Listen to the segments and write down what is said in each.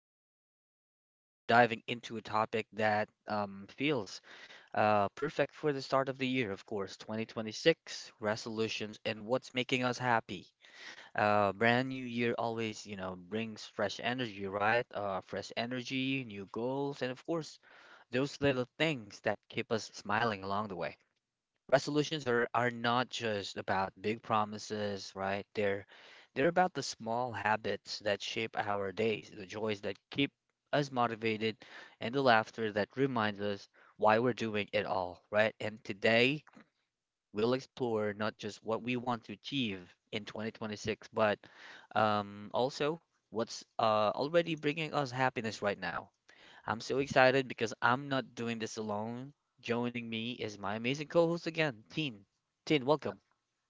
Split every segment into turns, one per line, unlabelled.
conversation. We're diving into a topic that feels perfect for the start of the year, of course, 2026 resolutions and what's making us happy. Brand new year always, you know, brings fresh energy, right? Fresh energy, new goals, and of course, those little things that keep us smiling along the way. Resolutions are not just about big promises, right? They're about the small habits that shape our days, the joys that keep us motivated, and the laughter that reminds us why we're doing it all, right? And today we'll explore not just what we want to achieve in 2026, but also what's already bringing us happiness right now. I'm so excited because I'm not doing this alone. Joining me is my amazing co host again, Tin. Tin, welcome.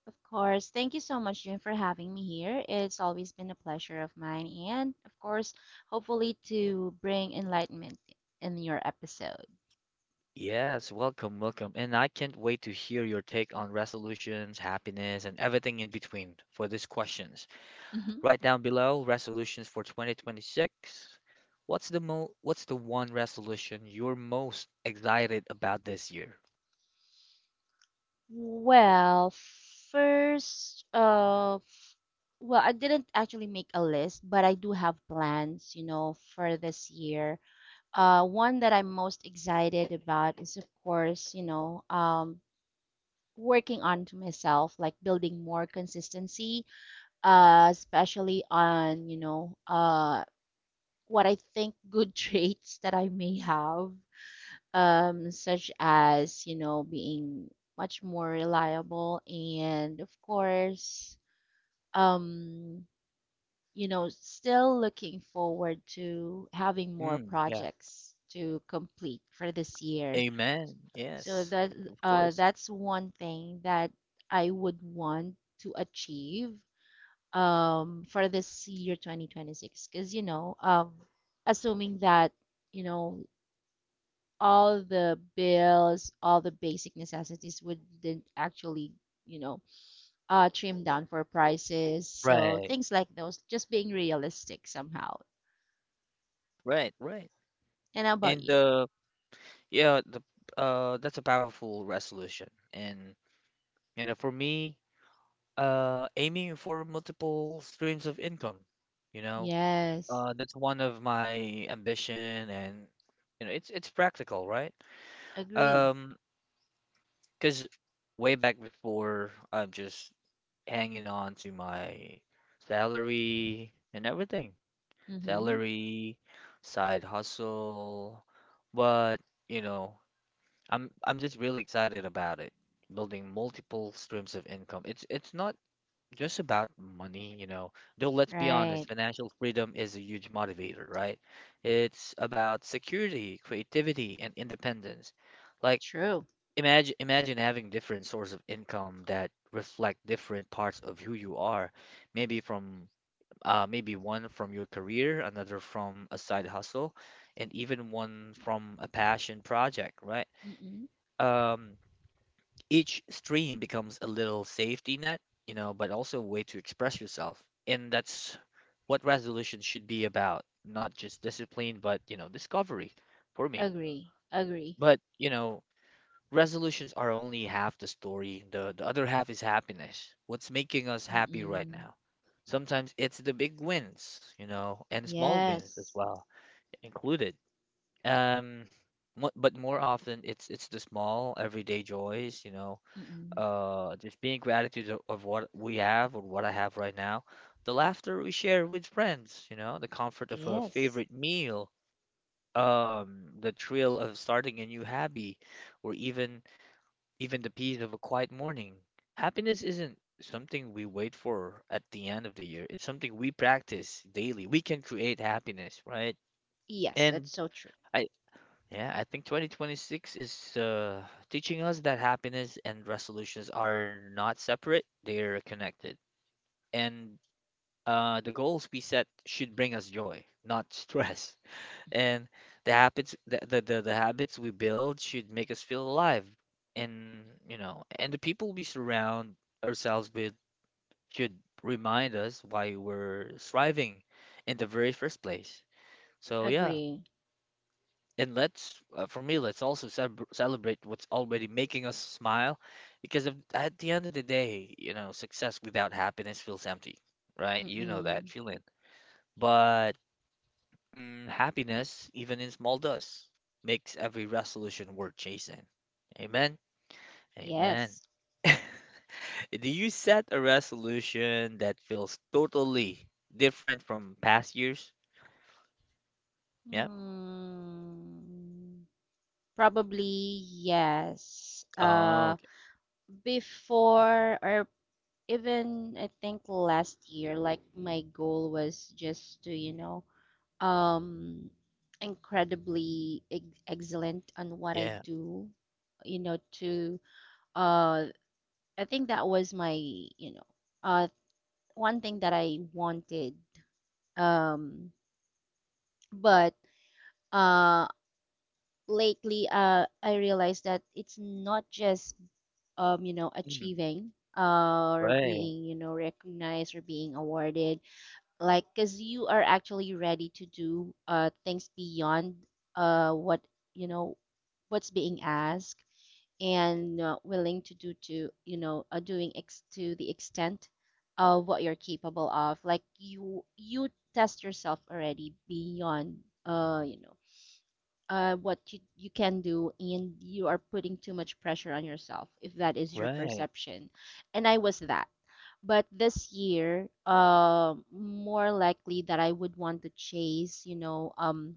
Of course. Thank you so much, Jim, for having me here. It's always been a pleasure of mine, and of course, hopefully to bring enlightenment in your episode.
Yes, welcome, welcome. And I can't wait to hear your take on resolutions, happiness, and everything in between for these questions.
hmm
Write down below resolutions for 2026. What's the mo what's the one resolution you're most excited about this year?
Well, first, I didn't actually make a list, but I do have plans for this year. One that I'm most excited about is, of course, working on to myself, like building more consistency especially on what I think good traits that I may have, such as being much more reliable and of course, um, still looking forward to having more
Mm, yeah.
projects to complete for this year.
Amen.
So
Yes,
that
of
uh,
course.
that's one thing that I would want to achieve for this year 2026 because assuming that you know all the basic necessities wouldn't actually you know trim down for prices, so
Right,
things like those, just being realistic somehow.
right, right.
And how about
And
you?
the Yeah, the that's a powerful resolution. And you know, for me, aiming for multiple streams of income, you know,
Yes.
that's one of my ambition and you know, it's practical, right?
Agree.
Um, 'Cause way back before I'm just hanging on to my salary and everything.
Mm-hmm.
Salary, side hustle, but you know, I'm just really excited about it. Building multiple streams of income. It's not just about money, you know. Though let's be
Right.
honest, financial freedom is a huge motivator, right? It's about security, creativity, and independence. Like
True.
imagine having different sources of income that reflect different parts of who you are. Maybe from maybe one from your career, another from a side hustle, and even one from a passion project, right?
Mm-mm.
Um each stream becomes a little safety net, you know, but also a way to express yourself. And that's what resolution should be about, not just discipline, but, you know, discovery for me.
Agree, agree.
But, you know, resolutions are only half the story. The other half is happiness. What's making us happy right
Mm-mm.
now? Sometimes it's the big wins, you know, and small wins as
Yes.
well included. Um, but more often it's the small everyday joys, you know,
Mm-mm.
just being gratitude of what we have or what I have right now, the laughter we share with friends, you know, the comfort of a
Yes.
favorite meal, the thrill of starting a new hobby, or even the peace of a quiet morning. Happiness isn't something we wait for at the end of the year. It's something we practice daily. We can create happiness, right?
Yes, that's
And
so true.
I yeah, I think 2026 is teaching us that happiness and resolutions are not separate, they're connected. And the goals we set should bring us joy, not stress. And the habits we build should make us feel alive. And you know, and the people we surround ourselves with should remind us why we're striving in the very first place. So yeah,
Agree.
and let's, for me, let's also celebrate what's already making us smile, because if, at the end of the day, you know, success without happiness feels empty, right? You know that
Mm-mm.
feeling. But mm, happiness, even in small dose, makes every resolution worth chasing. Amen. Amen.
Yes.
Do you set a resolution that feels totally different from past years? Yeah.
Mm. Probably yes.
Oh, okay.
Before or even I think last year, like my goal was just to, you know, um, incredibly excellent on what I
Yeah.
do, you know, to, uh, I think that was my, uh, one thing that I wanted. Um, but, uh, lately I realized that it's not just
Mm,
achieving, or
right,
being recognized or being awarded, like because you are actually ready to do things beyond what, you know what's being asked, and willing to do to, doing to the extent of what you're capable of, like you test yourself already beyond, uh you know what you, can do, and you are putting too much pressure on yourself if that is your
right.
perception. And I was that, but this year more likely that I would want to chase,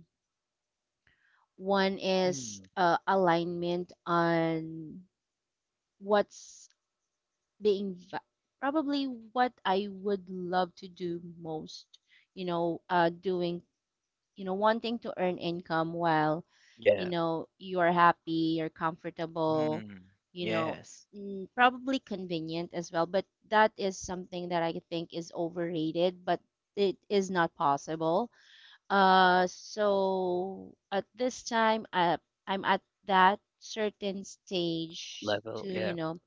one is
Mm.
alignment on what's being va- probably what I would love to do most, doing, wanting to earn income while,
Yeah.
you are happy, you're comfortable,
Mm.
you know
Yes.
probably convenient as well, but that is something that I think is overrated, but it is not possible. So at this time, I'm at that certain stage to,
Level.
you
Yeah.
know,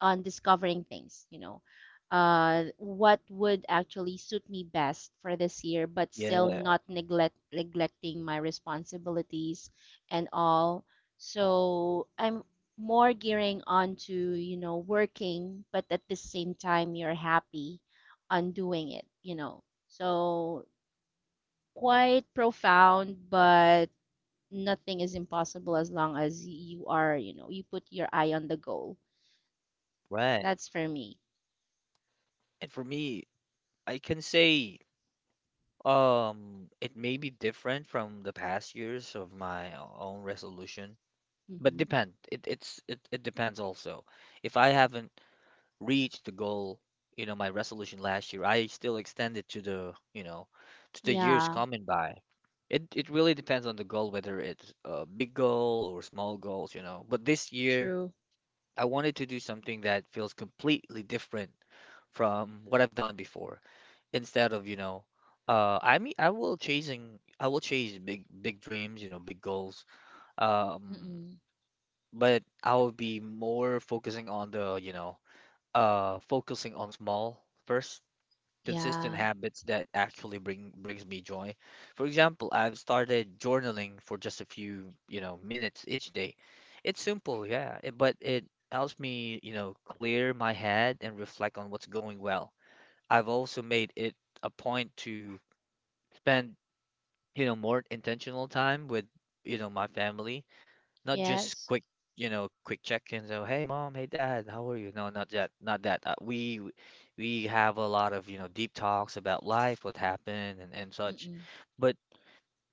on discovering things, you know, what would actually suit me best for this year, but still
Yeah.
not neglecting my responsibilities and all. So I'm more gearing on to, you know, working, but at the same time, you're happy on doing it, you know. So quite profound, but nothing is impossible as long as you are, you know, you put your eye on the goal.
Right.
That's for me.
And for me, I can say it may be different from the past years of my own resolution, but
Hmm.
depend. It depends also. If I haven't reached the goal, you know, my resolution last year, I still extend it to the, you know, to the years
Yeah,
coming by. It really depends on the goal, whether it's a big goal or small goals, you know. But this year
true.
I wanted to do something that feels completely different from what I've done before. Instead of, you know, I mean, I will chase big, big dreams, you know, big goals. Um,
Mm-mm.
but I will be more focusing on the, you know, focusing on small first consistent
Yeah,
habits that actually brings me joy. For example, I've started journaling for just a few, you know, minutes each day. It's simple, yeah, but it helps me, you know, clear my head and reflect on what's going well. I've also made it a point to spend, you know, more intentional time with, you know, my family not just
yes.
quick you know quick check-ins oh hey mom hey dad how are you no not that not that. We have a lot of you know deep talks about life what happened and such
Mm-mm.
but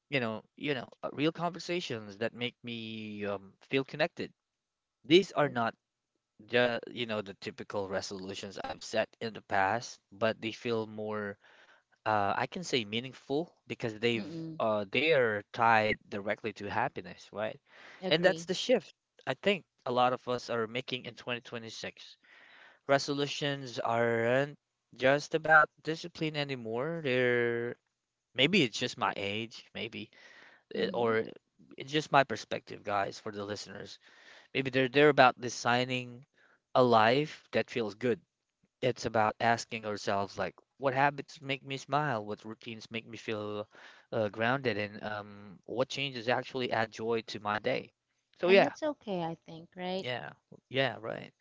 you know real conversations that make me feel connected these are
And-
not the you know the typical resolutions I've set in the past but they feel more I can say meaningful because
Mm-mm.
they are tied directly to happiness, right? And
Agree.
that's the shift I think a lot of us are making in 2026. Resolutions aren't just about discipline anymore. They're maybe it's just my age, maybe it,
Mm-hmm.
or it's just my perspective, guys, for the listeners. Maybe they're about designing a life that feels good it's about asking ourselves, like, what habits make me smile? What routines make me feel grounded? And what changes actually add joy to my day? So
And
yeah,
that's okay, I think, right?
yeah, yeah, right.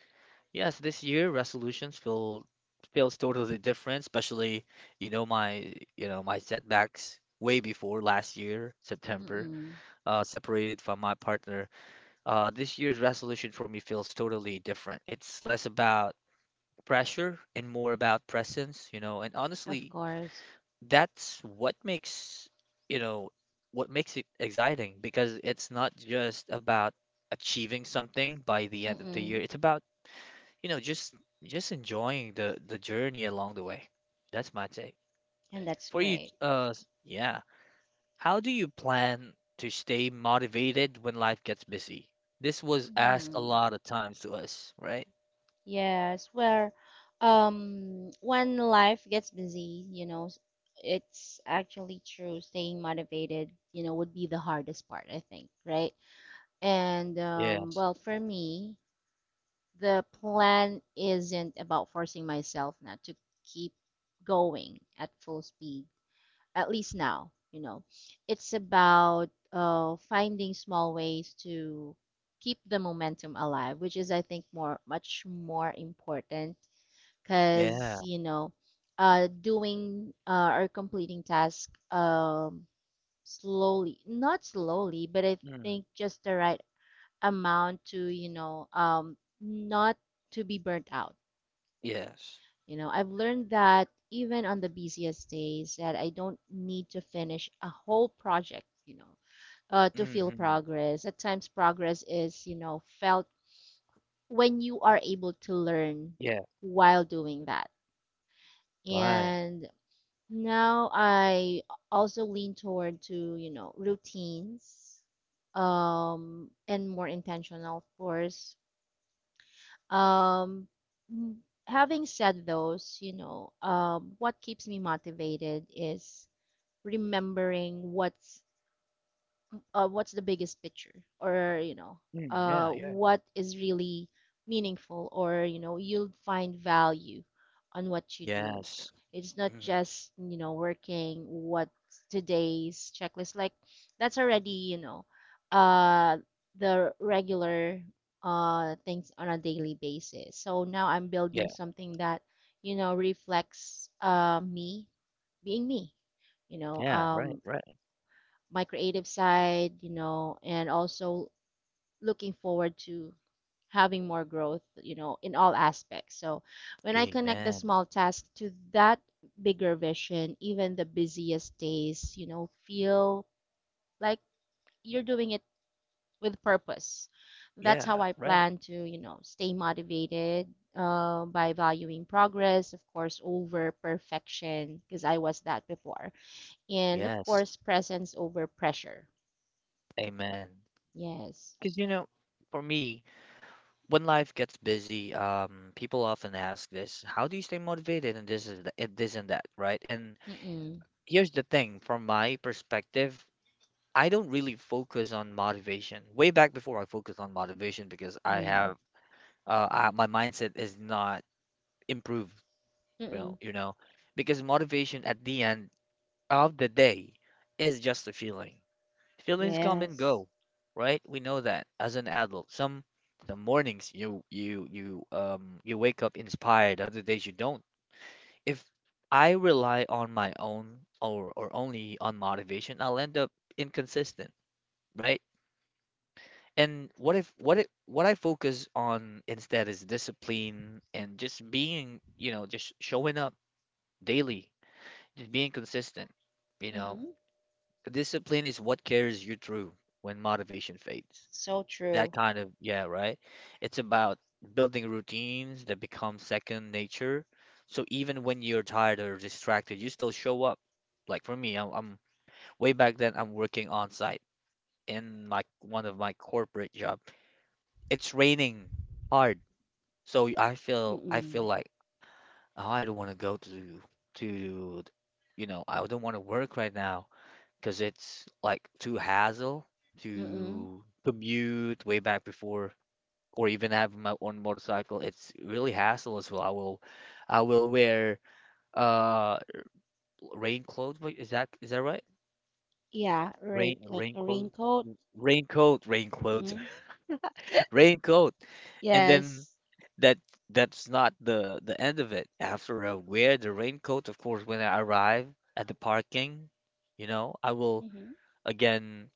Yes, this year resolutions feels totally different, especially you know my setbacks way before last year, September,
Mm-mm.
separated from my partner. This year's resolution for me feels totally different. It's less about pressure and more about presence, you know. And
Of
honestly,
course.
that's what makes, you know, what makes it exciting because it's not just about achieving something by the end of the year.
Mm-mm.
It's about, you know, just enjoying the journey along the way. That's my take.
And that's
For you,
great.
yeah. How do you plan to stay motivated when life gets busy? This was asked a
Mm-hmm.
lot of times to us, right?
Yes, where when life gets busy, you know, it's actually true, staying motivated, you know, would be the hardest part, I think, right? And
Yes.
well, for me, the plan isn't about forcing myself now to keep going at full speed, at least now, you know. It's about finding small ways to keep the momentum alive, which is I think more, much more important, because,
Yeah.
doing or completing task, slowly, not slowly, but I
Mm.
think just the right amount to, not to be burnt out.
Yes.
I've learned that even on the busiest days, that I don't need to finish a whole project, to feel
Hmm.
progress. At times progress is, felt when you are able to learn
Yeah,
while doing that.
right.
And now I also lean toward to, you know, routines, and more intentional, of course. Um, having said those, you know, what keeps me motivated is remembering what's the biggest picture, or, you know,
Mm, yeah, yeah.
what is really meaningful, or, you'll find value on what you do. So
Yes.
it's not
Mm,
just, working what today's checklist, like that's already, uh, the regular things on a daily basis. So now I'm building
yeah,
something that, reflects me being me, you know
yeah, right,
um,
right.
my creative side, you know, and also looking forward to having more growth, you know, in all aspects. So when I connect the
Amen.
small tasks to that bigger vision, even the busiest days, you know, feel like you're doing it with purpose. That's how
Yeah,
I
right.
plan to, you know, stay motivated, by valuing progress, of course, over perfection, because I was that before. And of
Yes.
course, presence over pressure.
Amen.
Yes.
Because, you know, for me, when life gets busy, people often ask this, how do you stay motivated and this is the, and this and that, right? And
Mm-mm.
here's the thing, from my perspective, I don't really focus on motivation. Way back before I focused on motivation because
Yeah.
my mindset is not improved real,
Mm-mm.
you know, because motivation at the end of the day is just a feeling. Feelings come and
Yes.
go, right? We know that as an adult. Some The mornings you wake up inspired, other days you don't. If I rely on my own or only on motivation, I'll end up inconsistent, right? And what if what I focus on instead is discipline and just being, you know, just showing up daily. Just being consistent, you know.
Mm-hmm.
Discipline is what carries you through when motivation fades.
So
That
true.
kind of, yeah, right? It's about building routines that become second nature. So even when you're tired or distracted, you still show up. Like for me, I'm way back then, I'm working on site in my one of my corporate job. It's raining hard. So I feel
Mm-mm.
like oh, I don't want to go to you know, I don't want to work right now. Because it's like too hassle
Mm-mm.
to commute way back before or even have my own motorcycle. It's really hassle as well. I will wear uh rain clothes. Wait, is that is that right?
Yeah. Rain,
Rain
like
rain
a
clothes.
raincoat.
Raincoat, rain clothes,
Mm-hmm.
raincoat. And then
Yes.
that that's not the end of it. After I wear the raincoat, of course, when I arrive at the parking, you know, I will
Mm-hmm.
again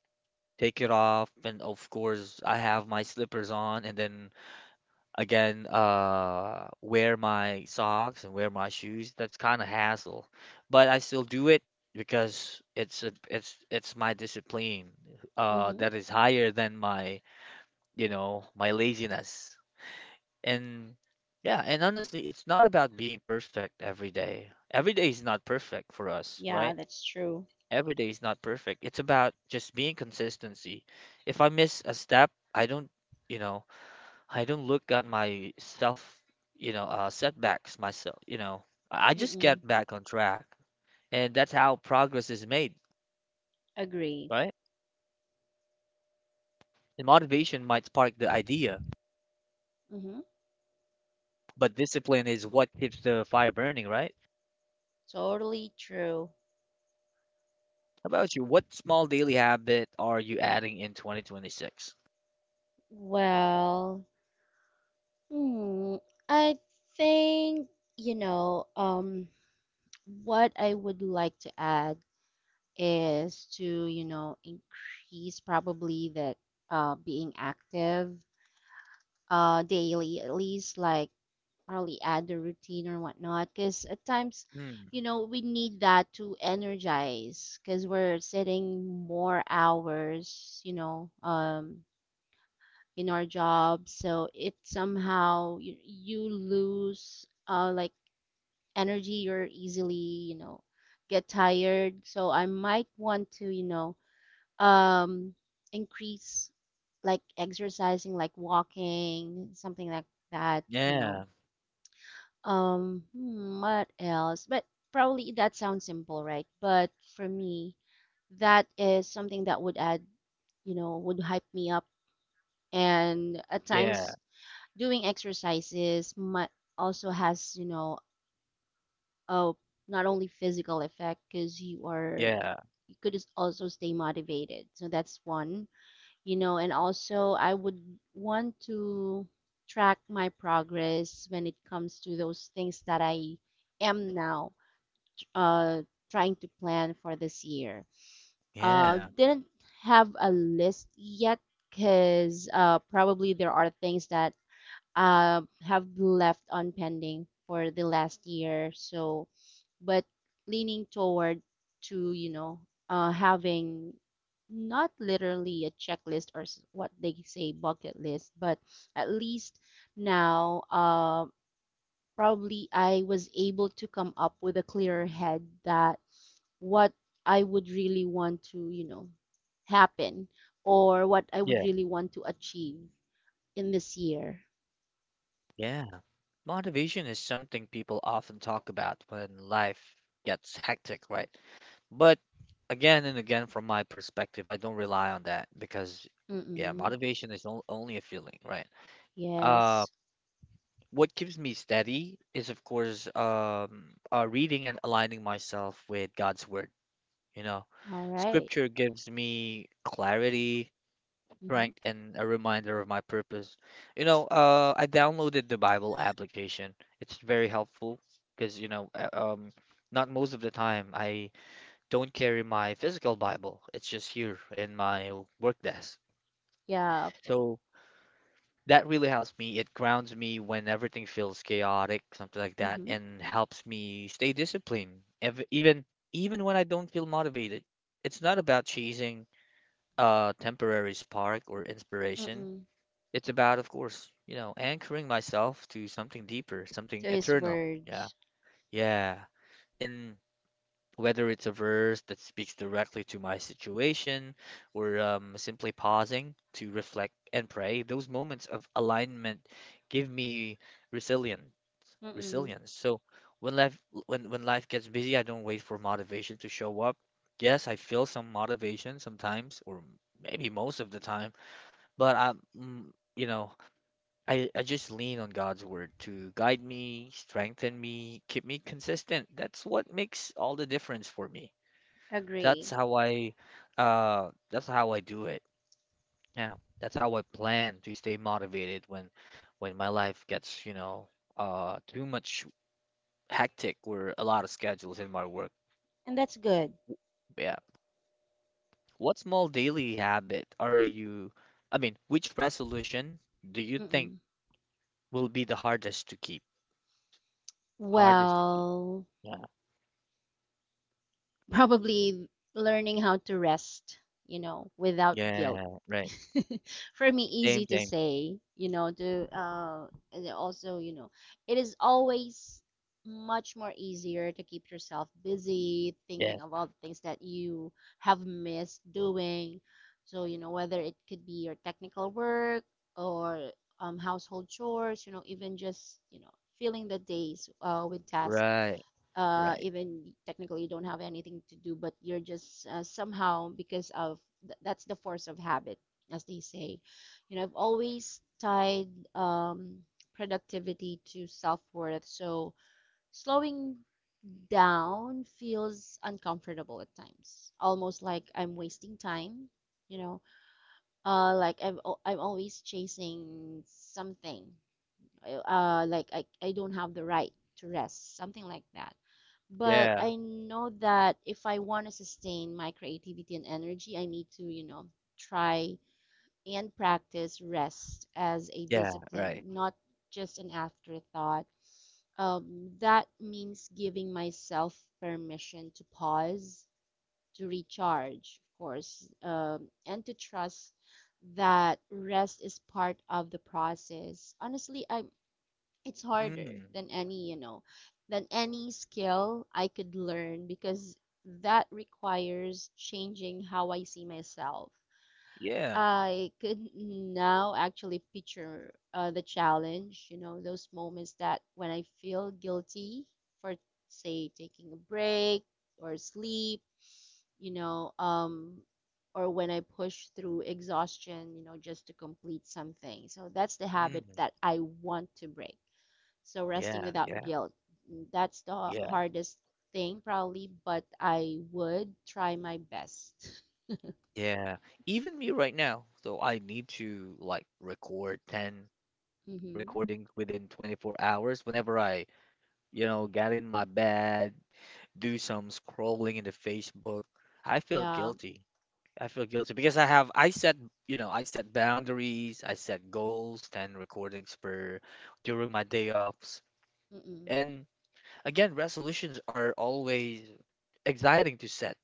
take it off, and of course, I have my slippers on, and then again, wear my socks and wear my shoes. That's kind of hassle, but I still do it because it's my discipline,
Mm-hmm.
that is higher than my, you know, my laziness. And yeah, and honestly, it's not about being perfect every day. Every day is not perfect for us,
Yeah,
right?
that's true.
Every day is not perfect. It's about just being consistency. If I miss a step, I don't, you know, I don't look at my self, you know, setbacks myself, you know. I just
Mm-mm.
get back on track. And that's how progress is made,
Agree.
right? And motivation might spark the idea,
Mm-hmm.
but discipline is what keeps the fire burning, right?
Totally true.
How about you? What small daily habit are you adding in 2026?
Well, hmm, I think, you know, what I would like to add is to, you know, increase probably the being active, daily, at least like, probably add a routine or whatnot. Because at times,
Hmm.
you know, we need that to energize because we're sitting more hours, you know, in our job. So, it somehow, you lose, like, energy, you're easily, you know, get tired. So I might want to, you know, um increase, like exercising, like walking, something like that, you know.
Yeah.
Um hmm, what else, but probably that sounds simple, right? But for me, that is something that would add, you know, would hype me up. And at
Yeah.
times, doing exercises might also has, you know, a not only physical effect, because you are,
Yeah.
you could just also stay motivated, so that's one, you know. And also I would want to track my progress when it comes to those things that I am now uh, trying to plan for this year.
Yeah.
Didn't have a list yet, because probably there are things that have left on pending for the last year. So, but leaning toward to, you know, having not literally a checklist, or, what they say, bucket list, but at least now, probably I was able to come up with a clearer head, that what I would really want to, you know, happen, or what I would
Yeah.
really want to achieve in this year.
Yeah. Motivation is something people often talk about when life gets hectic, right? But again and again, from my perspective, I don't rely on that because, yeah,
Mm-mm.
motivation is only a feeling, right? Uh,
Yes.
what keeps me steady is, of course, reading and aligning myself with God's word. You know,
All right.
scripture gives me clarity,
Mm-hmm.
strength and a reminder of my purpose. I downloaded the Bible application. It's very helpful because, not most of the time I don't carry my physical Bible. It's just here in my work desk.
Yeah.
So that really helps me. It grounds me when everything feels chaotic, something like that,
Mm-hmm.
and helps me stay disciplined, ev even even when I don't feel motivated. It's not about chasing temporary spark or inspiration.
Mm-mm.
It's about, of course, anchoring myself to something deeper, something
To his
eternal. Yeah.
words.
Yeah. And whether it's a verse that speaks directly to my situation or simply pausing to reflect and pray, those moments of alignment give me resilient
Mm-mm.
resilience. So when life when life gets busy, I don't wait for motivation to show up. Yes, I feel some motivation sometimes, or maybe most of the time, but I'm, mm, you know, I just lean on God's word to guide me, strengthen me, keep me consistent. That's what makes all the difference for me. That's
Agree.
how I that's how I do it. Yeah. That's how I plan to stay motivated when my life gets, too much hectic or a lot of schedules in my work.
And that's good.
W- Yeah. What small daily habit are you, I mean, which resolution do you think
Mm-mm.
will be the hardest to keep? Hardest to keep.
Well,
Yeah.
probably learning how to rest, you know, without guilt.
Yeah, right.
For me,
Same,
easy to
same.
say, you know, to and also, you know, it is always much more easier to keep yourself busy,
Yes.
thinking of all the things that you have missed doing. So, you know, whether it could be your technical work, or, household chores, you know, even just, you know, filling the days with tasks,
Right, right.
even technically you don't have anything to do, but you're just, somehow because of, that's the force of habit, as they say. You know, I've always tied um, productivity to self worth, so slowing down feels uncomfortable at times, almost like I'm wasting time. You know, like I'm always chasing something. Like I don't have the right to rest, something like that, but
Yeah,
I know that if I want to sustain my creativity and energy, I need to, you know, try and practice rest as a
yeah,
discipline,
right.
not just an afterthought. That means giving myself permission to pause, to recharge, of course, and to trust that rest is part of the process. Honestly, I'm it's harder
Mm,
than any, you know, than any skill I could learn, because that requires changing how I see myself.
yeah.
I could now actually picture the challenge, you know, those moments that when I feel guilty for, say, taking a break or sleep, you know, or when I push through exhaustion, you know, just to complete something. So that's the habit
Mm,
that I want to break. So resting
yeah,
without
yeah,
guilt, that's the
yeah,
hardest thing probably, but I would try my best.
yeah. Even me right now, so I need to like record 10
Mhm.
recordings within 24 hours whenever I, get in my bed, do some scrolling in the Facebook. I feel
Yeah.
guilty. I feel guilty because I set I set boundaries, I set goals, 10 recordings per during my day offs.
Mm-mm.
And again, resolutions are always exciting to set,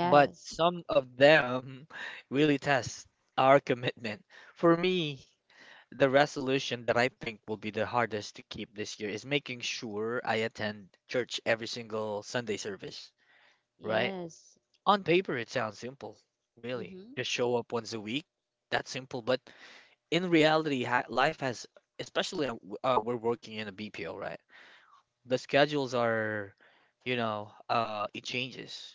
but some of them really test our commitment. For me, the resolution that I think will be the hardest to keep this year is making sure I attend church every single Sunday service, right.
Yes.
On paper, it sounds simple, really.
Mhm.
Just show up once a week. That's simple. But in reality, ha life has, especially we're working in a BPO, right? The schedules it changes.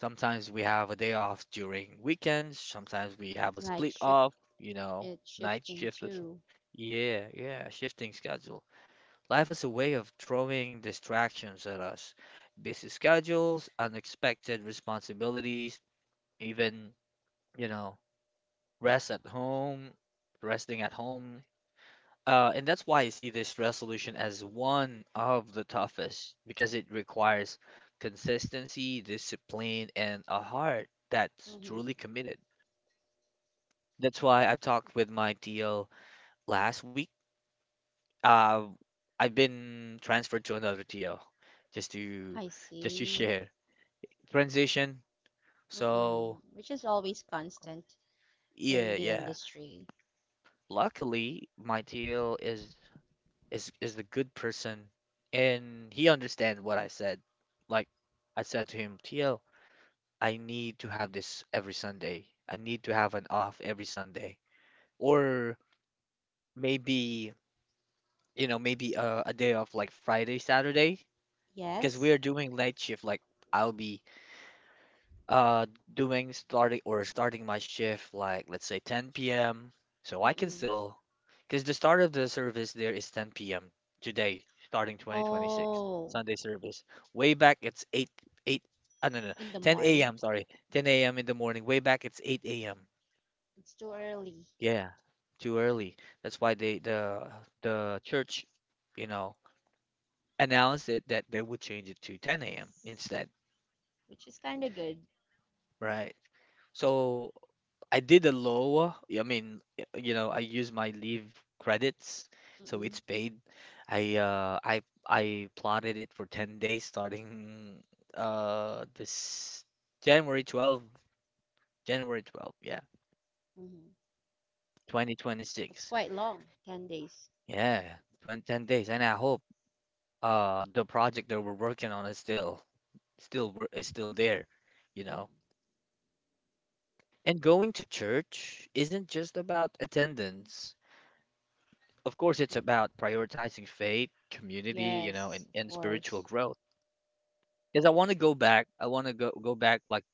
Sometimes we have a day off during weekends. Sometimes we have a
Like,
split off, night
shifting
shift.
too.
Yeah, yeah, shifting schedule. Life has a way of throwing distractions at us. Busy schedules, unexpected responsibilities, even you know, rest at home, resting at home. And that's why I see this resolution as one of the toughest because it requires consistency, discipline, and a heart that's
Mhm.
truly committed. That's why I've talked with my TL last week. Uh, I've been transferred to another TL just to
I see.
share transition.
Mm-mm.
So
Which is always constant in
yeah,
the
yeah.
industry.
Luckily, my TL is a good person and he understands what I said. Like I said to him, TL, I need to have this every Sunday. I need to have an off every Sunday. Or maybe, maybe a day off like Friday, Saturday, because we
Yes.
are doing night shift. Like I'll be uh doing starting or starting my shift like let's say 10 p.m. So I can
Mm-mm.
still because the start of the service there is 10 p.m. today, starting 2026
Oh,
Sunday service. Way back it's 8 8 no, no no
in the
10
morning.
a.m. sorry 10 a.m. in the morning. Way back it's 8 a.m.
It's too early,
Yeah, too early. That's why the church, you know, announced it that they would change it to 10 a.m. instead,
which is kind of good.
right? So I did a low. I mean, I use my leave credits, so
Mm-mm.
it's paid. I uh I I plotted it for 10 days starting this January 12th, January 12th, yeah,
hmm It's
2026.
quite long, 10 days.
Yeah, 20 10 days and I hope the project that we're working on is still there, you know.
mm
And going to church isn't just about attendance. Of course, it's
Y-
about prioritizing faith, community,
Yes,
and
of
spiritual
course.
growth. Because I want to go back. I want to go back like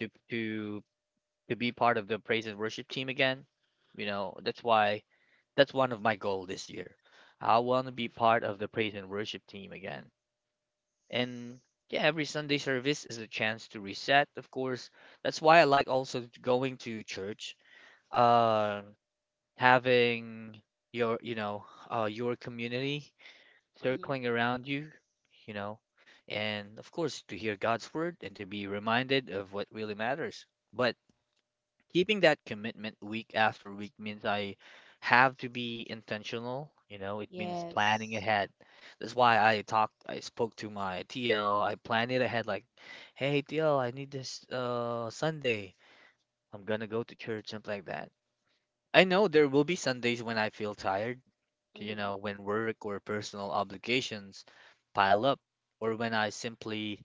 to to to be part of the praise and worship team again. You know, that's why that's one of my goal this year. I want to be part of the praise and worship team again. And yeah, every Sunday service is a chance to reset. Of course, that's why I like also going to church. Uh, Having your you know your community
Mm-hmm.
circling around you, you know, and of course, to hear God's word and to be reminded of what really matters. But keeping that commitment week after week means I have to be intentional, it means planning
Yes.
ahead. That's why I spoke to my TL, I planned it ahead like, hey, TL, I need this Sunday. I'm gonna go to church, something like that. I know there will be Sundays when I feel tired
Mm-hmm.
when work or personal obligations pile up, or when I simply,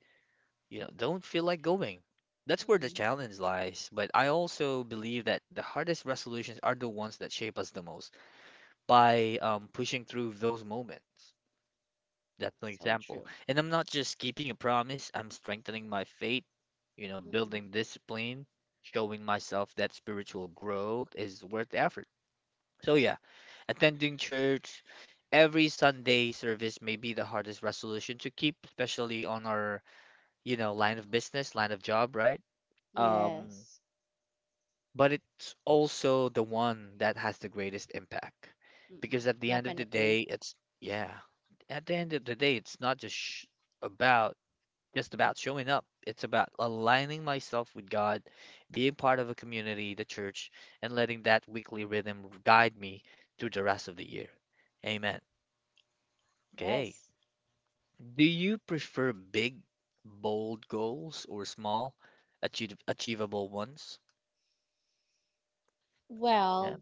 you know, don't feel like going. That's where the
Mm-mm.
challenge lies. But I also believe that the hardest resolutions are the ones that shape us the most by pushing through those moments. That's an
So
example.
true.
And I'm not just keeping a promise, I'm strengthening my faith,
Mm-mm.
building discipline, showing myself that spiritual growth is worth the effort. So, yeah. Attending church every Sunday service may be the hardest resolution to keep, especially on our, line of business, line of job, right? Um,
Yes.
but it's also the one that has the greatest impact
Mm-mm.
because at the end of the
Definitely.
day, it's, yeah, at the end of the day, it's not just sh about just about showing up. It's about aligning myself with God, being part of a community, the church, and letting that weekly rhythm guide me through the rest of the year. Amen. Okay.
Yes.
Do you prefer big, bold goals or small, achieve achievable ones? Yeah.
Well,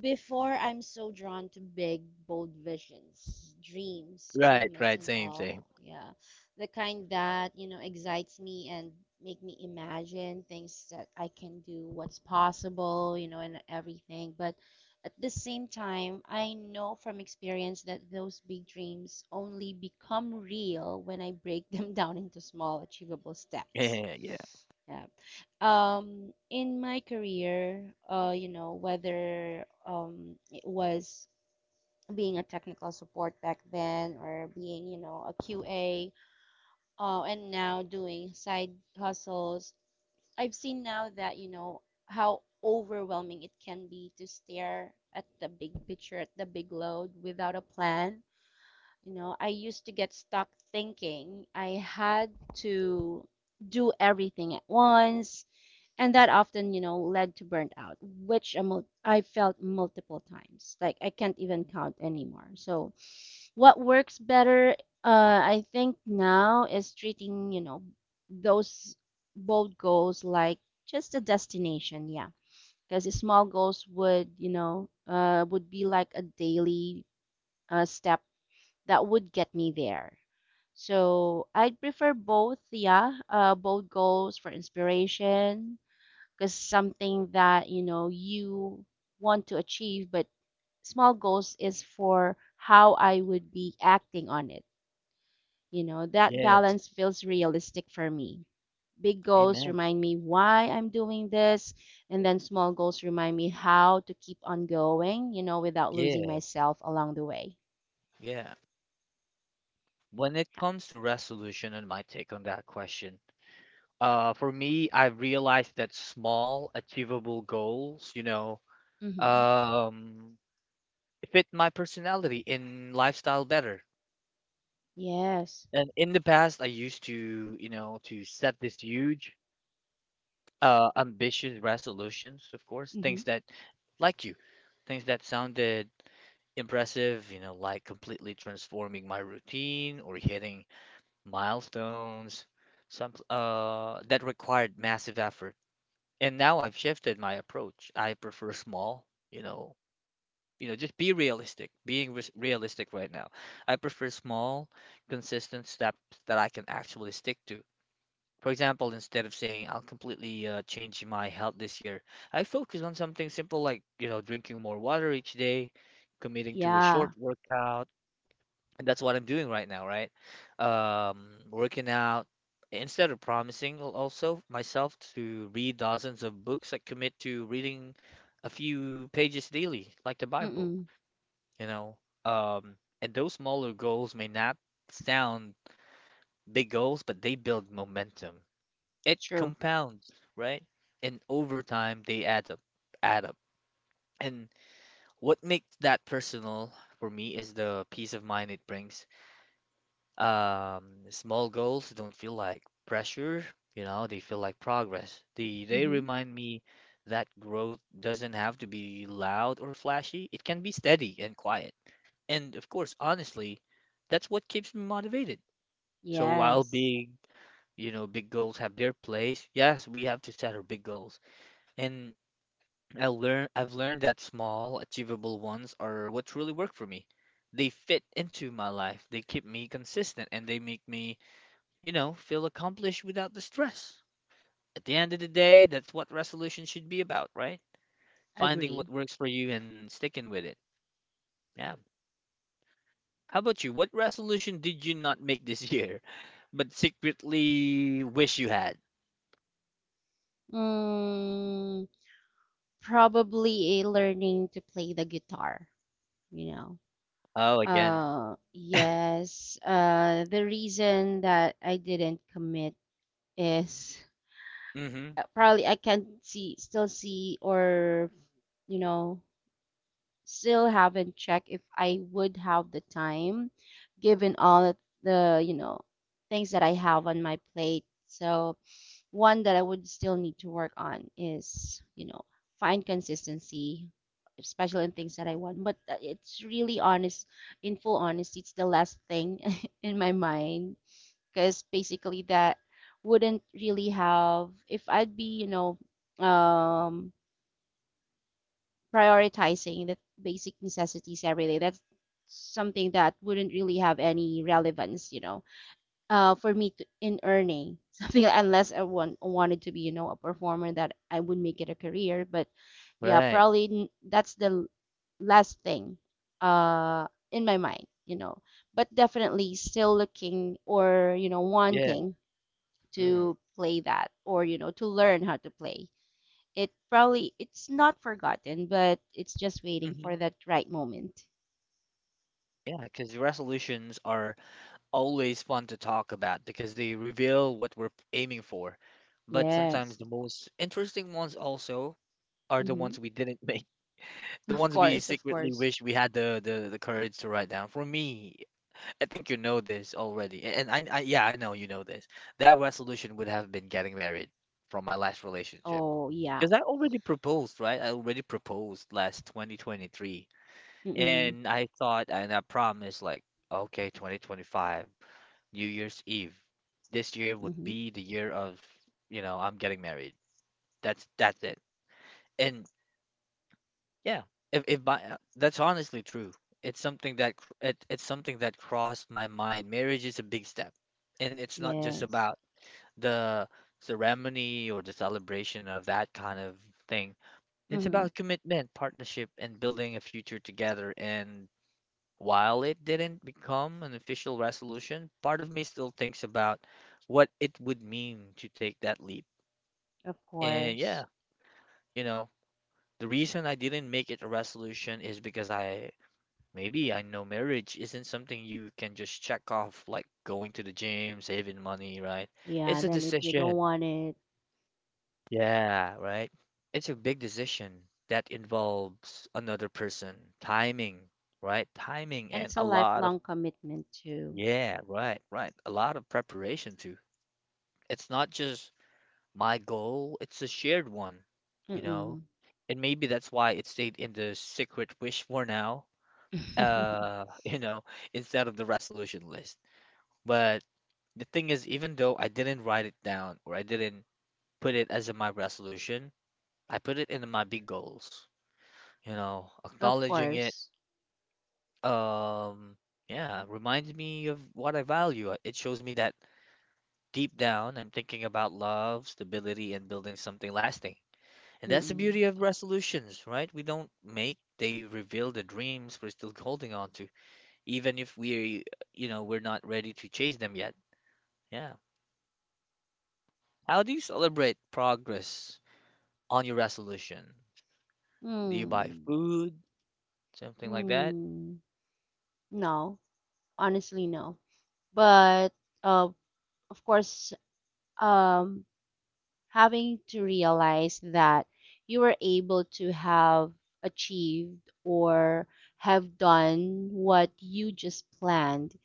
before, I'm so drawn to big, bold visions, dreams,
Right,
achievements,
right,
and
same, same.
all. Yeah. The kind that, you know, excites me and make me imagine things that I can do, what's possible, you know, and everything. But at the same time, I know from experience that those big dreams only become real when I break them down into small, achievable steps.
Yeah, yeah.
Yeah, in my career, whether it was being a technical support back then, or being, you know, a QA, and now doing side hustles. I've seen now that, you know, how overwhelming it can be to stare at the big picture, at the big load, without a plan. I used to get stuck thinking I had to do everything at once, and that often, led to burnout, which I felt multiple times. Like, I can't even count anymore. So what works better? I think now is treating, you know, those bold goals like just a destination. Yeah, because small goals would you know would be like a daily step that would get me there. So I'd prefer both. Yeah, bold goals for inspiration, because something that, you know, you want to achieve. But small goals is for how I would be acting on it. You know, that
Yes.
balance feels realistic for me. Big goals
Amen.
remind me why I'm doing this, and then small goals remind me how to keep on going, you know, without losing
Yeah,
myself along the way.
yeah. When it comes to resolution and my take on that question, for me, I realized that small, achievable goals
Mm-hmm.
um, fit my personality and lifestyle better.
Yes.
And in the past, I used to, to set this huge ambitious resolutions, of course,
Mm-hmm.
like you, things that sounded impressive, like completely transforming my routine or hitting milestones, some that required massive effort. And now I've shifted my approach. I prefer small, you know, just be realistic, being res realistic right now. I prefer small, consistent steps that I can actually stick to. For example, instead of saying I'll completely change my health this year, I focus on something simple like, drinking more water each day, committing to a
Yeah.
short workout, and that's what I'm doing right now, right? Working out. Instead of promising also myself to read dozens of books, I commit to reading a few pages daily, like the Bible,
Mm-mm.
you know. Um, and those smaller goals may not sound big goals, but they build momentum it
True.
compounds, right? And over time, they add up, add up. And what makes that personal for me is the peace of mind it brings. Um, Small goals don't feel like pressure, they feel like progress. They
Mm-hmm.
remind me that growth doesn't have to be loud or flashy. It can be steady and quiet. And of course, honestly, that's what keeps me motivated. So while
Yes.
big goals have their place, yes, we have to set our big goals. And I've learned that small, achievable ones are what truly work for me. They fit into my life. They keep me consistent and they make me, feel accomplished without the stress. At the end of the day, that's what resolution should be about, right? Finding
Agree.
what works for you and sticking with it. Yeah. How about you? What resolution did you not make this year, but secretly wish you had?
Mm. Probably a learning to play the guitar, you know.
Oh, again.
Yes. The reason that I didn't commit is,
Mm-hmm.
probably I can't see, still see, or, you know, still haven't checked if I would have the time, given all the things that I have on my plate. So one that I would still need to work on is, find consistency, especially in things that I want. But it's really honest, in full honesty, it's the last thing in my mind, because basically that wouldn't really have, if I'd be, um, prioritizing the basic necessities every day, that's something that wouldn't really have any relevance, for me to, in earning something like, unless I wanted to be, you know, a performer that I would make it a career. But yeah,
Right.
probably that's the last thing uh in my mind, but definitely still looking, or, you know,
Yeah.
wanting
Mm.
to play that, or, you know, to learn how to play it. Probably it's not forgotten, but it's just waiting
Mm-hmm.
for that right moment.
Yeah, because resolutions are always fun to talk about because they reveal what we're aiming for. But sometimes
Yes.
the most interesting ones also are the
Hmm.
ones we didn't make, the
Of
ones we
course, of
secretly
course.
wish we had the courage to write down. For me, I think you know this already. A- And I yeah, I know you know this. That resolution would have been getting married from my last relationship.
Oh yeah.
Because I already proposed, right? I already proposed last 2023.
Mm-mm.
And I thought and I promised like, okay, 2025. New Year's Eve. This year would
Hmm.
be the year of, you know, I'm getting married. That's it. And yeah, if by, that's honestly true. It's something that it's something that crossed my mind. Marriage is a big step, and it's not just
Yes.
about the ceremony or the celebration of that kind of thing. It's
Mm-hmm.
about commitment, partnership, and building a future together. And while it didn't become an official resolution, part of me still thinks about what it would mean to take that leap.
Of
And yeah,
course.
you know, the reason I didn't make it a resolution is because I maybe I know marriage isn't something you can just check off like going to the gym, saving money, right? It's
Yeah,
a
then if you don't
decision.
want it,
Yeah, right? It's a big decision that involves another person, timing, right? Timing
and
and
it's
a
a
lot.
lifelong commitment too.
Yeah, right, right. A lot of preparation too. It's not just my goal, it's a shared one, you know?
Mm-mm.
And maybe that's why it stayed in the secret wish for now, you know, instead of the resolution list. But the thing is, even though I didn't write it down or I didn't put it as in my resolution, I put it in my big goals, you know,
Of
acknowledging it,
course.
um, yeah, reminds me of what I value. It shows me that. Deep down, I'm thinking about love, stability, and building something lasting. And that's the beauty
Mm-mm.
of resolutions, right? We don't make, they reveal the dreams we're still holding on to, even if we, you know, we're not ready to chase them yet. Yeah. How do you celebrate progress on your resolution? Do you buy
Mm.
food, something like that?
Mm. No, honestly, no. But uh, of course, um, having to realize that you were able to have achieved, or have done what you just planned,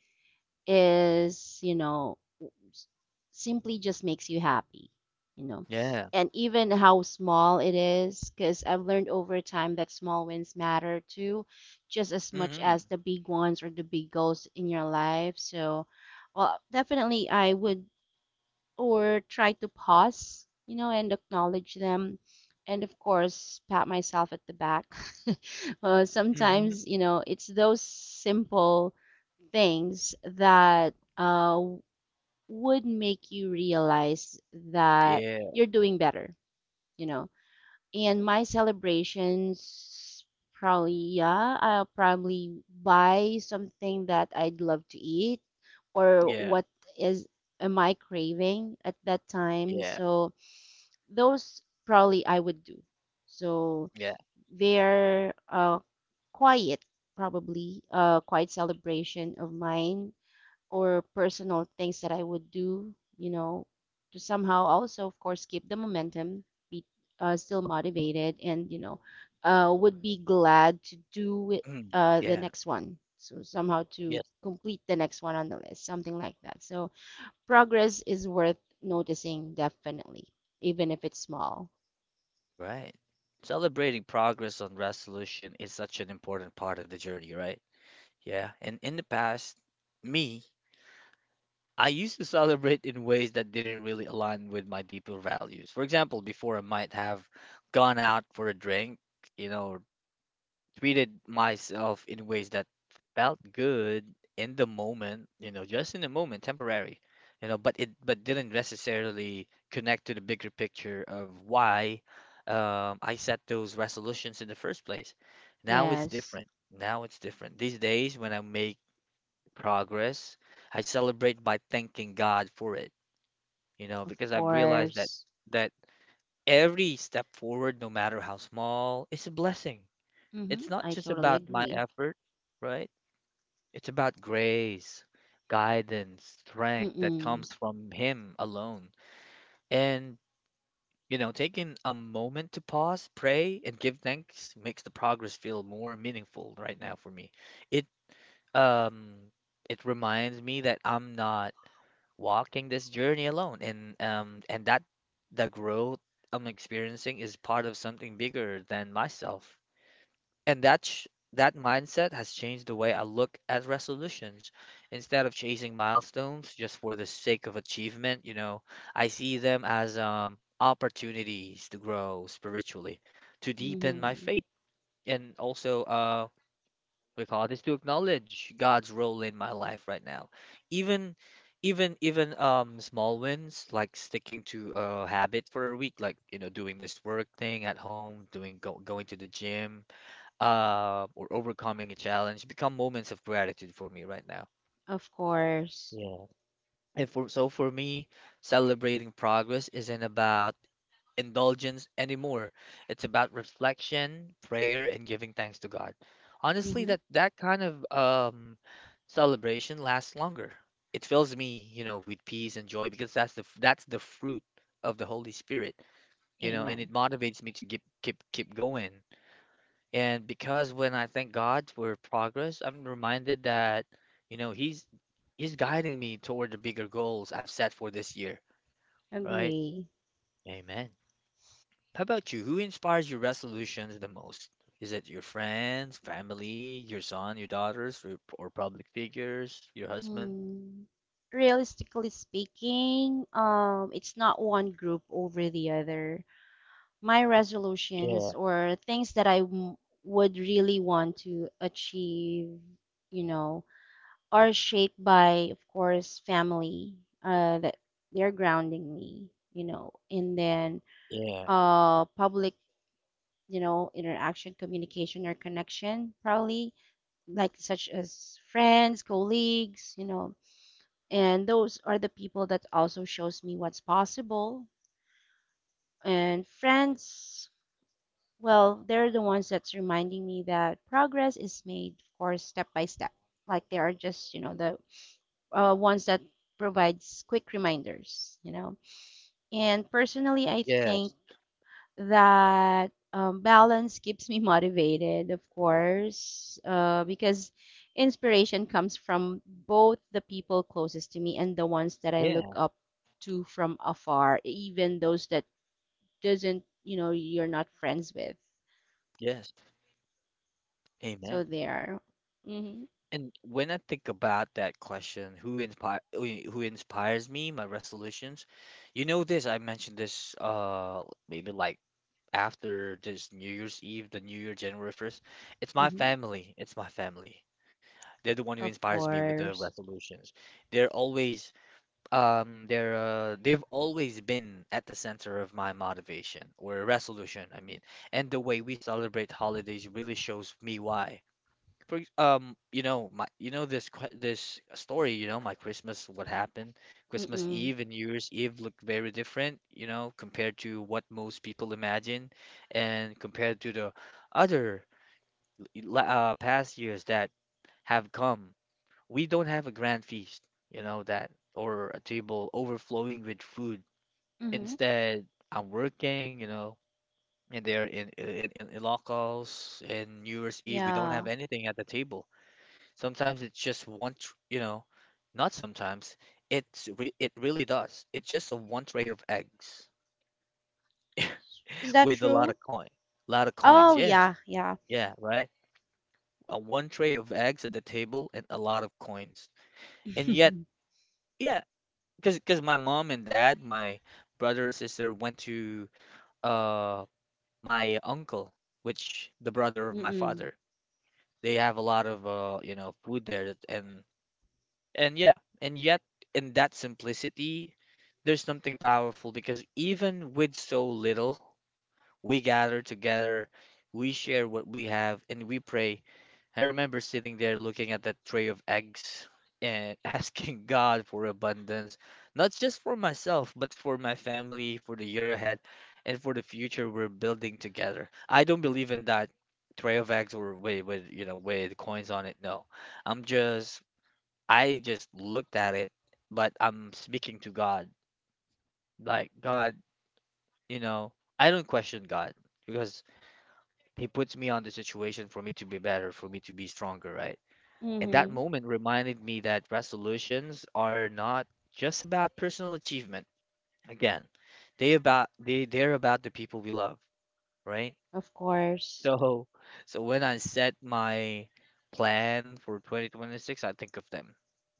is, simply just makes you happy, you know.
Yeah.
And even how small it is, because I've learned over time that small wins matter too, just as much
Mm-hmm.
as the big ones or the big goals in your life. So, well, definitely I would or try to pause, and acknowledge them. And of course, pat myself at the back.
Mm-hmm.
Sometimes, it's those simple things that would make you realize that
Yeah.
you're doing better, you know. And my celebrations, probably, yeah, I'll probably buy something that I'd love to eat, or
Yeah.
what is am I craving at that time.
Yeah.
So those probably I would do. So
Yeah.
they're quiet, probably quiet celebration of mine, or personal things that I would do, to somehow also, of course, keep the momentum, be still motivated, and, would be glad to do it,
Mm.
the
Yeah.
next one. So somehow to
Yes.
complete the next one on the list, something like that. So progress is worth noticing, definitely, even if it's small.
Right. Celebrating progress on resolution is such an important part of the journey, right? Yeah. And in the past, me, I used to celebrate in ways that didn't really align with my deeper values. For example, before I might have gone out for a drink, you know, treated myself in ways that felt good in the moment, you know, just in the moment, temporary, you know, but it but didn't necessarily connect to the bigger picture of why I set those resolutions in the first place. Now it's
Yes,
different. Now it's different. These days, when I make progress, I celebrate by thanking God for it, you know,
of
because I've realized that
course.
that every step forward, no matter how small, is a blessing.
Mm-hmm.
It's not
I
just
totally
about my
agree.
effort, right? It's about grace, guidance, strength that
Mm-mm.
comes from Him alone. And, you know, taking a moment to pause, pray, and give thanks makes the progress feel more meaningful right now for me. It, um, it reminds me that I'm not walking this journey alone, and that the growth I'm experiencing is part of something bigger than myself. And that mindset has changed the way I look at resolutions. Instead of chasing milestones just for the sake of achievement, you know, I see them as opportunities to grow spiritually, to deepen my
Mm-hmm.
faith, and also we call this to acknowledge God's role in my life right now. Even even small wins like sticking to a habit for a week, like you know doing this work thing at home, going to the gym or overcoming a challenge become moments of gratitude for me right now.
Of course.
Yeah. And for so for me, celebrating progress isn't about indulgence anymore. It's about reflection, prayer, and giving thanks to God. Honestly,
Mm-hmm.
that kind of celebration lasts longer. It fills me, you know, with peace and joy because that's the fruit of the Holy Spirit, you know, and
Amen.
it motivates me to keep going. And because when I thank God for progress, I'm reminded that, you know, he's guiding me toward the bigger goals I've set for this year, right?
Agree.
Amen. How about you? Who inspires your resolutions the most? Is it your friends, family, your son, your daughters, or public figures, your husband?
Mm. Realistically speaking, it's not one group over the other. My
Yeah,
resolutions, or things that I would really want to achieve, you know, are shaped by, of course, family, that they're grounding me, and then,
yeah,
public, you know, interaction, communication, or connection, probably, like such as friends, colleagues, you know, and those are the people that also shows me what's possible. And friends, well, they're the ones that's reminding me that progress is made, of course, step by step. Like they are just, the ones that provides quick reminders. And personally, I think
yes,
that, balance keeps me motivated, of course, because inspiration comes from both the people closest to me and the ones that I look
yeah,
up to from afar, even those that doesn't, you know, you're not friends with.
yes.
So
Amen.
there. Mm-hmm.
And when I think about that question, who inspires me, my resolutions, you know this, I mentioned this maybe like after this New Year's Eve, the New Year, January 1st. It's my
Mm-hmm.
family. It's my family. They're the one who
Of
inspires me with the
course.
resolutions. They're always they've always been at the center of my motivation or resolution, I mean. And the way we celebrate holidays really shows me why. You know, my you know this que- this story, you know, my Christmas, what happened? Christmas
Mm-mm.
Eve and New Year's Eve looked very different, you know, compared to what most people imagine, and compared to the other past years that have come. We don't have a grand feast, you know, that or a table overflowing with food.
Mm-hmm.
Instead, I'm working, you know, and they're in locals, and New Year's Eve, we don't have
Yeah.
anything at the table. Sometimes it's just you know, not sometimes. It's re it really does. It's just a one tray of eggs
Is that
with a lot
true?
of coin. Lot of coins.
Oh
Yes.
yeah, yeah.
Yeah, right? A one tray of eggs at the table and a lot of coins. And yet, yeah, because my mom and dad, my brother and sister went to uh my uncle, which the brother of my
Mm-mm.
father. They have a lot of you know, food there. And yeah, and yet in that simplicity, there's something powerful because even with so little, we gather together, we share what we have, and we pray. I remember sitting there looking at that tray of eggs and asking God for abundance, not just for myself, but for my family, for the year ahead, and for the future we're building together. I don't believe in that tray of eggs or with you know with coins on it. No, I'm just I just looked at it, but I'm speaking to God. Like, God, you know, I don't question God because He puts me on the situation for me to be better, for me to be stronger, right? And that
Mm-hmm.
moment reminded me that resolutions are not just about personal achievement. Again, they're about the people we love, right?
Of course.
So, so when I set my plan for 2026, I think of them,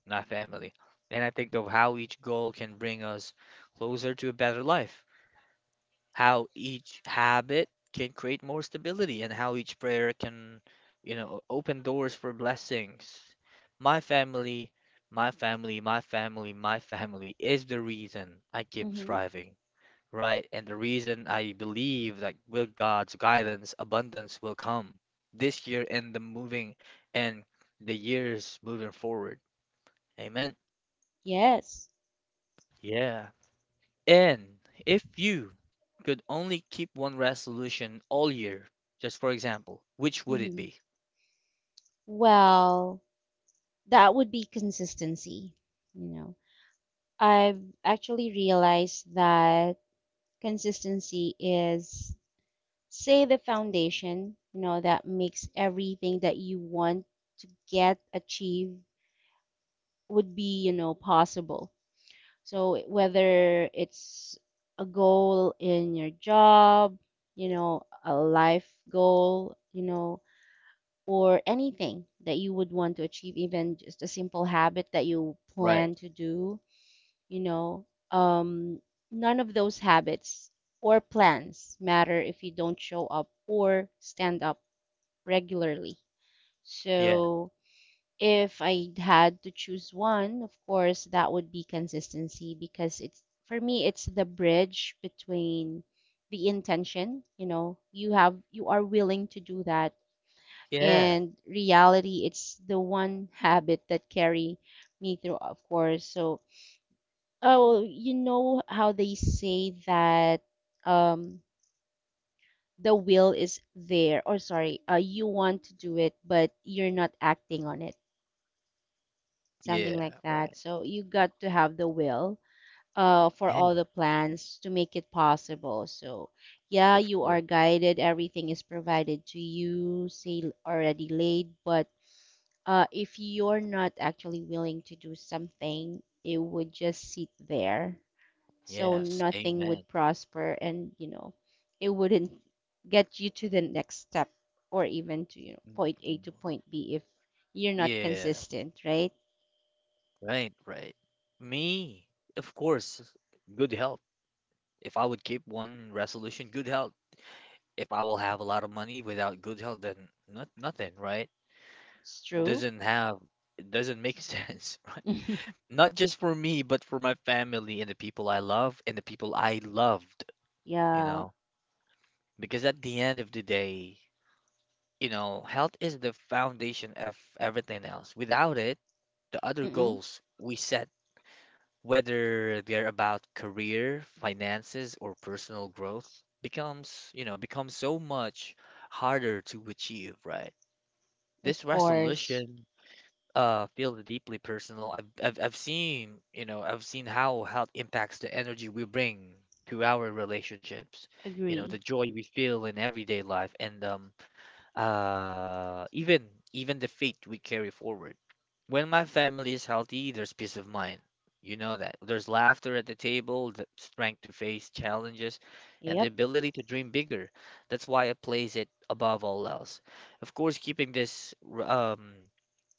my family, and I think of how each goal can bring us closer to a better life, how each habit can create more stability, and how each prayer can, you know, open doors for blessings. My family, my family is the reason I keep
Mm-hmm.
striving. Right, and the reason I believe that with God's guidance, abundance will come this year and and the years moving forward. Amen.
Yes.
Yeah. And if you could only keep one resolution all year, just for example, which would it
Mm-hmm.
be?
Well, that would be consistency, you know. I've actually realized that consistency is, say, the foundation, that makes everything that you want to get achieved would be, possible. So whether it's a goal in your job, you know, a life goal, you know, or anything that you would want to achieve, even just a simple habit that you
Right.
plan to do, you know, um, none of those habits or plans matter if you don't show up or stand up regularly.
Yeah.
So if I had to choose one, of course, that would be consistency, because it's for me, it's the bridge between the intention, you know, you are willing to do that
Yeah.
and reality. It's the one habit that carry me through, of course. So, oh, you know how they say that, um the will is there, or sorry, you want to do it but you're not acting on it, something
Yeah.
like
Right.
that. So you got to have the will, for
Yeah.
all the plans to make it possible. So yeah,
Of
you are
course.
guided. Everything is provided to you. Say, already laid. But if you're not actually willing to do something, it would just sit there. So
Yes.
nothing would
Amen.
prosper, and, it wouldn't get you to the next step, or even to,
Mm,
point A to
mm.
point B, if you're not
Yeah.
consistent, right?
Right. Right. Me, of course, good health. If I would keep one resolution, good health. If I will have a lot of money without good health, then not nothing, right?
It's true.
Doesn't have, it doesn't make sense, right? Not just for me, but for my family and the people I love and the people I loved, you
Yeah.
know? Because at the end of the day, you know, health is the foundation of everything else. Without it, the other
Mm-mm.
goals we set whether they're about career, finances, or personal growth, becomes, you know, becomes so much harder to achieve, right?
Of
This
course.
resolution feels deeply personal. I've seen, you know, I've seen how health impacts the energy we bring to our relationships, you know, the
Agree.
joy we feel in everyday life, and even even the faith we carry forward. When my family is healthy, there's peace of mind. You know that. There's laughter at the table, the strength to face challenges, and the
Yep.
ability to dream bigger. That's why I place it above all else. Of course, keeping this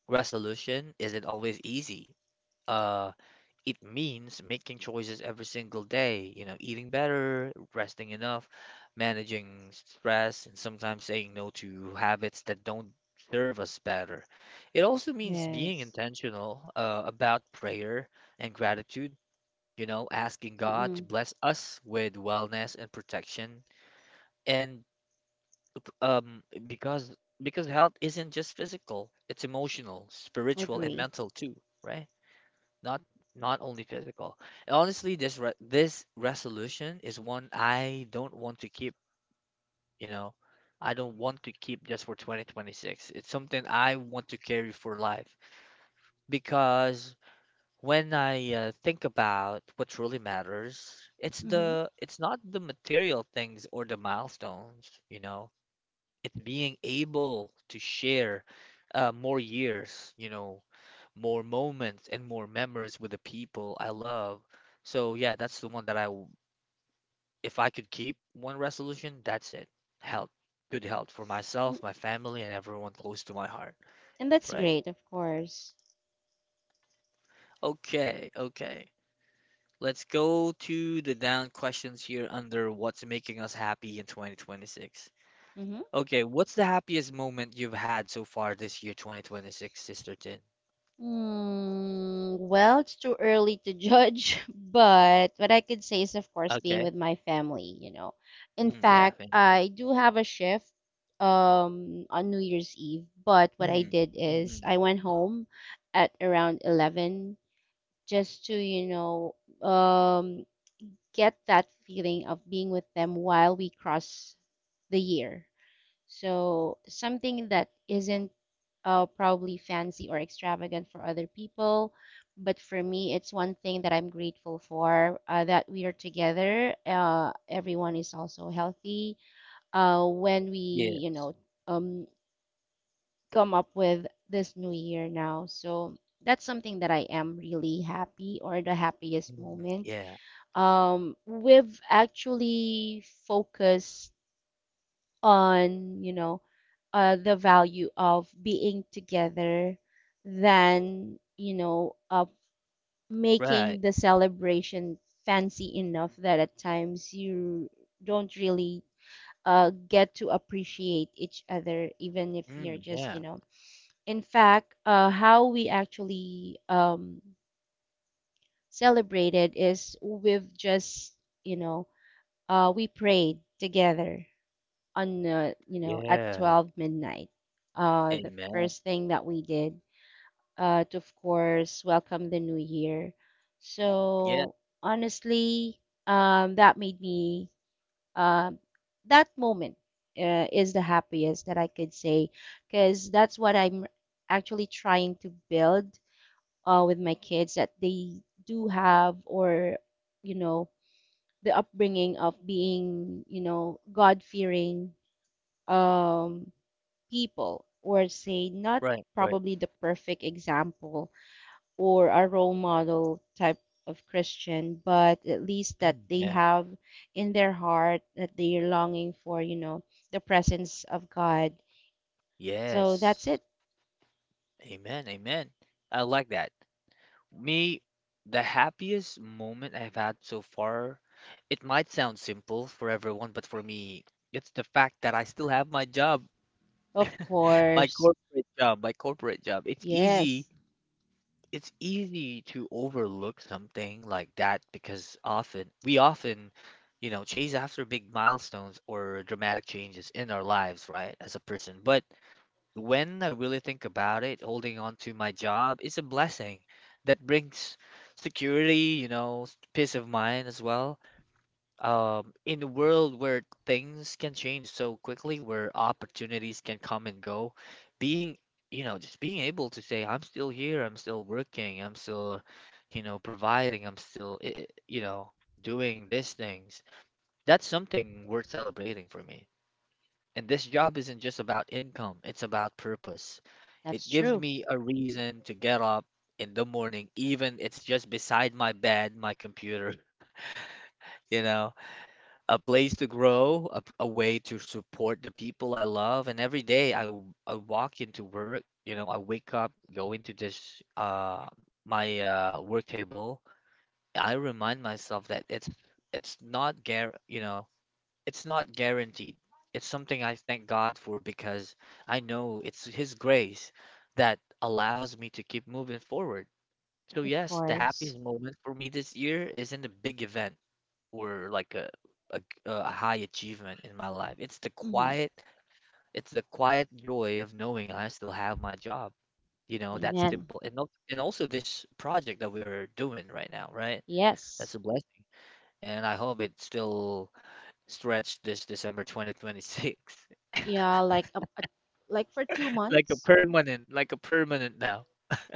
resolution isn't always easy. Uh, it means making choices every single day, you know, eating better, resting enough, managing stress, and sometimes saying no to habits that don't serve us better. It also means being
Yes.
intentional about prayer and gratitude, you know, asking God to
Mm-mm.
bless us with wellness and protection. And um, because because health isn't just physical, it's emotional, spiritual, and
Agree.
mental too, right? not not only physical. And honestly, this resolution is one I don't want to keep, you know. I don't want to keep just for 2026. It's something I want to carry for life because when I think about what truly matters,
Mm-hmm.
it's not the material things or the milestones. It's being able to share more years, more moments and more memories with the people I love. So yeah, that's the one that if I could keep one resolution, that's it. Health, good health for
Mm.
myself, my family, and everyone close to my heart,
And that's
right?
great, of course.
Okay, okay. Let's go to the down questions here under what's making us happy in 2026.
Mm-hmm.
Okay, what's the happiest moment you've had so far this year, 2026, Sister Tin?
Mm, well, it's too early to judge, but what I could say is, of course, being
Okay.
with my family. In
Mm, yeah,
fact,
thank you.
I do have a shift, on New Year's Eve, but what I
Mm,
did
mm,
is
mm.
I went home at around 11, just to, um get that feeling of being with them while we cross the year. So something that isn't probably fancy or extravagant for other people, but for me, it's one thing that I'm grateful for, that we are together. Everyone is also healthy. When we,
Yes.
um, come up with this new year now, so that's something that I am really happy, or the happiest
Mm,
moment
yeah.
um, We've actually focused on, the value of being together, than, making
Right.
the celebration fancy enough, that at times you don't really get to appreciate each other, even if you're
Mm,
just, you
yeah.
know. In fact, how we actually, celebrated is you know, we prayed together on, at
Yeah.
12 midnight, the
Amen.
first thing that we did, to, of course, welcome the new year.
Yeah.
So honestly, that made me, um that moment is the happiest that I could say, because that's what I'm actually trying to build, with my kids, that they do have, or, you know the upbringing of being, you know, God-fearing, um, people, or say not
Right, right.
probably the perfect example or a role model type of Christian, but at least that
Mm,
they
yeah.
have in their heart that they are longing for, you know, the presence of God. So that's it.
Yes. Amen. Amen. I like that. Me, the happiest moment I've had so far, it might sound simple for everyone, but for me, it's the fact that I still have my job,
Of
my
course.
corporate job, my corporate job. It's easy
Yes,
it's easy to overlook something like that because often we often, you know, chase after big milestones or dramatic changes in our lives, right, as a person. But when I really think about it, holding on to my job is a blessing that brings security, you know, peace of mind as well. In a world where things can change so quickly, where opportunities can come and go, being, you know, just being able to say, I'm still here, I'm still working, I'm still, you know, providing, I'm still, you know, doing these things, that's something worth celebrating for me. And this job isn't just about income, it's about purpose.
that's
It gives
true.
me a reason to get up in the morning, even it's just beside my bed, my computer, you know, a place to grow, a way to support the people I love. And every day I walk into work, you know, I wake up, go into this my work table. I remind myself that it's not guar you know, it's not guaranteed. It's something I thank God for because I know it's His grace that allows me to keep moving forward. So
Of
yes, the happiest
course.
moment for me this year isn't a big event or like a a high achievement in my life. It's the
Hmm.
quiet, it's the quiet joy of knowing I still have my job. You know, that's
Amen.
simple. And and also this project that we're doing right now, right? That's
Yes.
a blessing. And I hope it still stretch this December 2026.
Yeah, like, like for two months.
Like a permanent now.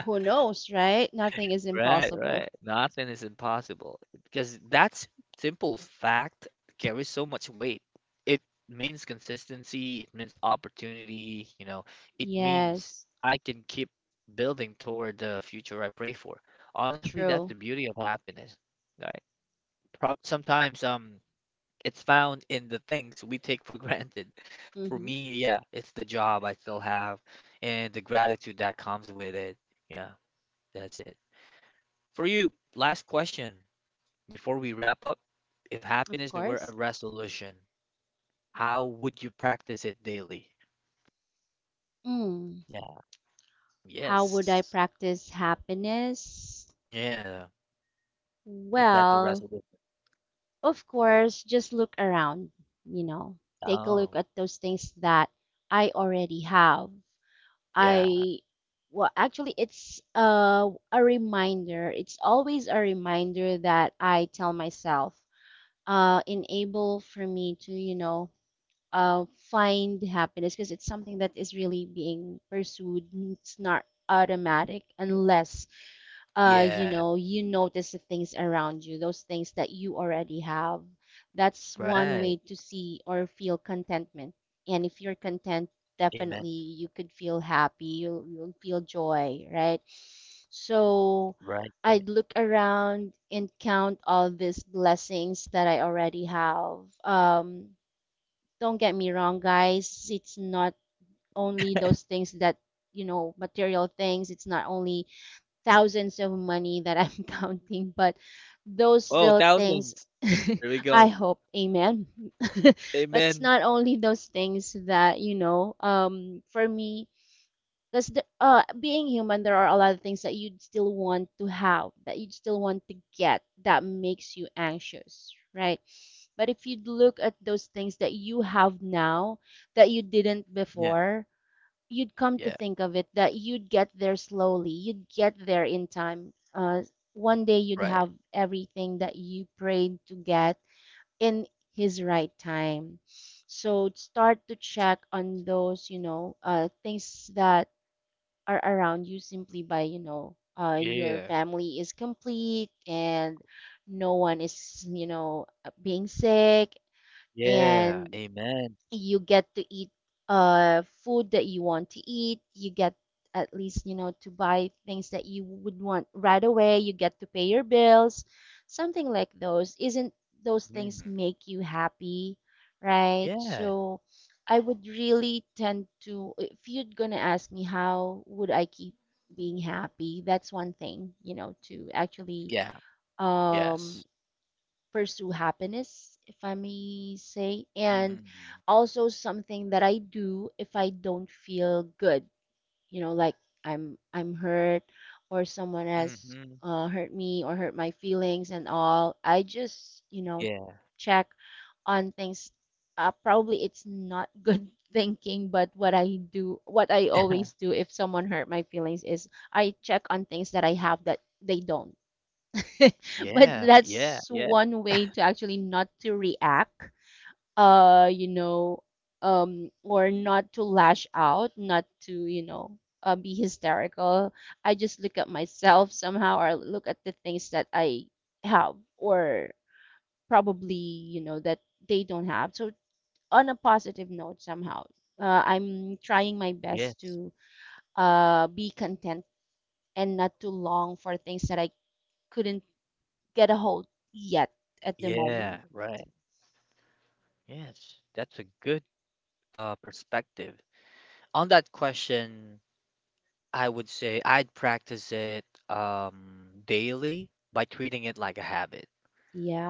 Who knows, right? Nothing is
Right, right.
impossible.
Nothing is impossible because that simple fact carries so much weight. It means consistency, it means opportunity, you know, it means
Yes,
I can keep building toward the future I pray for. Honestly, that's
true.
the beauty of happiness, right? Prob Sometimes it's found in the things we take for granted. For
Mm-hmm,
me, yeah, it's the job I still have and the gratitude that comes with it. Yeah, that's it. For you, last question before we wrap up. If
of
happiness were a
course.
resolution, how would you practice it daily?
Mm.
Yeah.
How would I
Yes.
practice happiness?
Yeah. If that's a
Well,
resolution.
of course, just look around, you know. Take a look
Oh,
at those things that I already have.
yeah.
I, well, actually, it's a reminder. It's always a reminder that I tell myself, enable for me to, uh, find happiness, because it's something that is really being pursued. It's not automatic unless,
Yeah.
you notice the things around you, those things that you already have. That's one
Right.
way to see or feel contentment. And if you're content,
Amen.
definitely you could feel happy, you'll feel joy, right? So
Right. Right.
I'd look around and count all these blessings that I already have. Um, don't get me wrong, guys, it's not only those things that, you know, material things, it's not only thousands of money that I'm counting, but those
Oh,
little things,
thousands. There we
I
go.
hope, amen. But it's
Amen.
not only those things that, for me, because, being human, there are a lot of things that you'd still want to have, that you'd still want to get, that makes you anxious, right? But if you look at those things that you have now that you didn't
Yeah.
before, you'd come to
Yeah.
think of it that you'd get there slowly, you'd get there in time. One day you'd
Right.
have everything that you prayed to get in his right time. So start to check on those, things that are around you, simply by, your
Yeah.
family is complete, and no one is, you know, being sick,
Yeah.
and
Amen.
you get to eat food that you want to eat. You get, at least, to buy things that you would want right away. You get to pay your bills. Something like those, isn't those
Mm.
things make you happy, right?
Yeah.
So I would really tend to, if you're going to ask me how would I keep being happy, that's one thing, to actually,
Yeah. Yes.
um pursue happiness, if I may say. And
Hmm.
also something that I do if I don't feel good, you know, like, I'm hurt, or someone has,
Hmm.
hurt me or hurt my feelings and all. I just,
Yeah.
check on things. Probably it's not good thinking, but what I do, what I always do if someone hurt my feelings, is I check on things that I have that they don't. But
Yeah, yeah,
that's
yeah,
one way to actually not to react, uh you know or not to lash out, not to, be hysterical. I just look at myself somehow, or look at the things that I have, or, probably, that they don't have. So, on a positive note, somehow, I'm trying my best
yes.
to, be content, and not to long for things that I couldn't get a hold yet at the
Yeah,
moment.
right. Yes. That's a good perspective. On that question, I would say I'd practice it daily by treating it like a habit,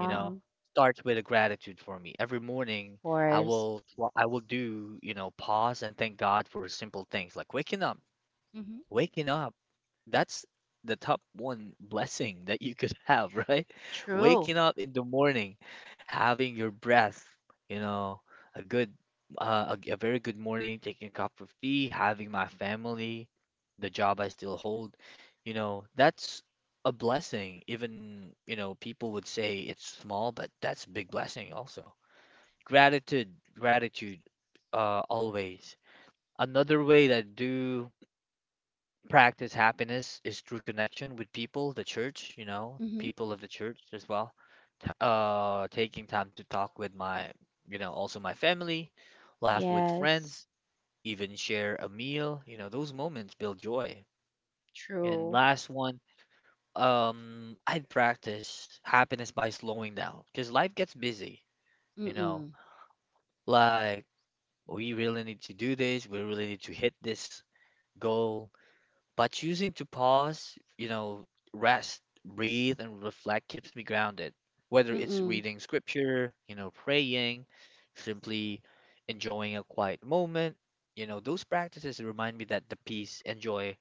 you know?
of
Starts with a gratitude for me. Every morning
course.
I will do, you know, pause and thank God for simple things like waking up.
Mm-hmm.
Waking up, that's the top one blessing that you could have, right?
True.
Waking up in the morning, having your breath, you know, a a very good morning, taking a cup of tea, having my family, the job I still hold, you know, that's a blessing. Even, you know, people would say it's small, but that's big blessing also. Gratitude, gratitude, always. Another way that do practice happiness is through connection with people, the church, you know,
Mm-hmm.
people of the church as well. Taking time to talk with my, you know, also my family, laugh with
Yes,
friends, even share a meal, you know, those moments build joy. And
true.
last one, I'd practice happiness by slowing down because life gets busy, you know,
Mm-mm.
like we really need to do this, we really need to hit this goal. By choosing to pause, you know, rest, breathe, and reflect keeps me grounded. Whether it's
Mm-mm.
reading scripture, you know, praying, simply enjoying a quiet moment, you know, those practices remind me that the peace and joy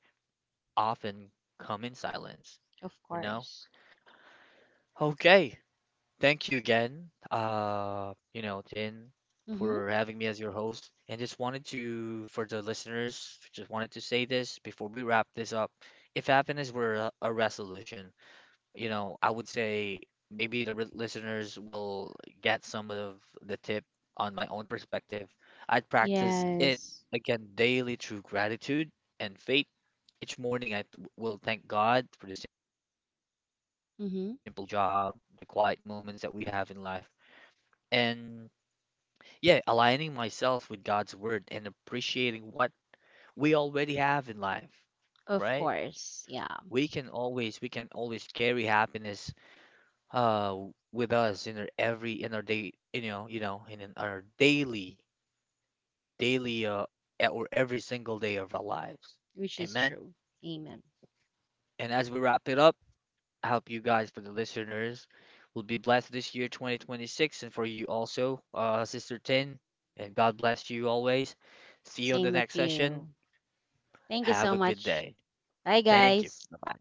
often come in silence,
Of
you know?
course.
Okay, thank you again, you know, Tin,
Mm-hmm.
for having me as your host. And just wanted to, for the listeners, just wanted to say this before we wrap this up. If happiness were a resolution, you know, I would say maybe the listeners will get some of the tip on my own perspective. I'd practice it
Yes.
again daily through gratitude and faith. Each morning, will thank God for the simple blessings,
Mm-hmm.
family, job, the quiet moments that we have in life. And yeah, aligning myself with God's word and appreciating what we already have in life,
Of
right?
course. Yeah,
We can always carry happiness uh with us in our every in our day, you know, you know, in our daily daily e- or every single day of our lives.
which is
Amen.
true. Amen.
And as we wrap it up, I hope you guys, for the listeners, will be blessed this year 2026, and for you also, Sister Tin, and God bless you always. See you on the
Same
next
with
session.
you. Thank you
Have
so
a good
much.
day.
Bye,
Thank you.
guys.
Bye.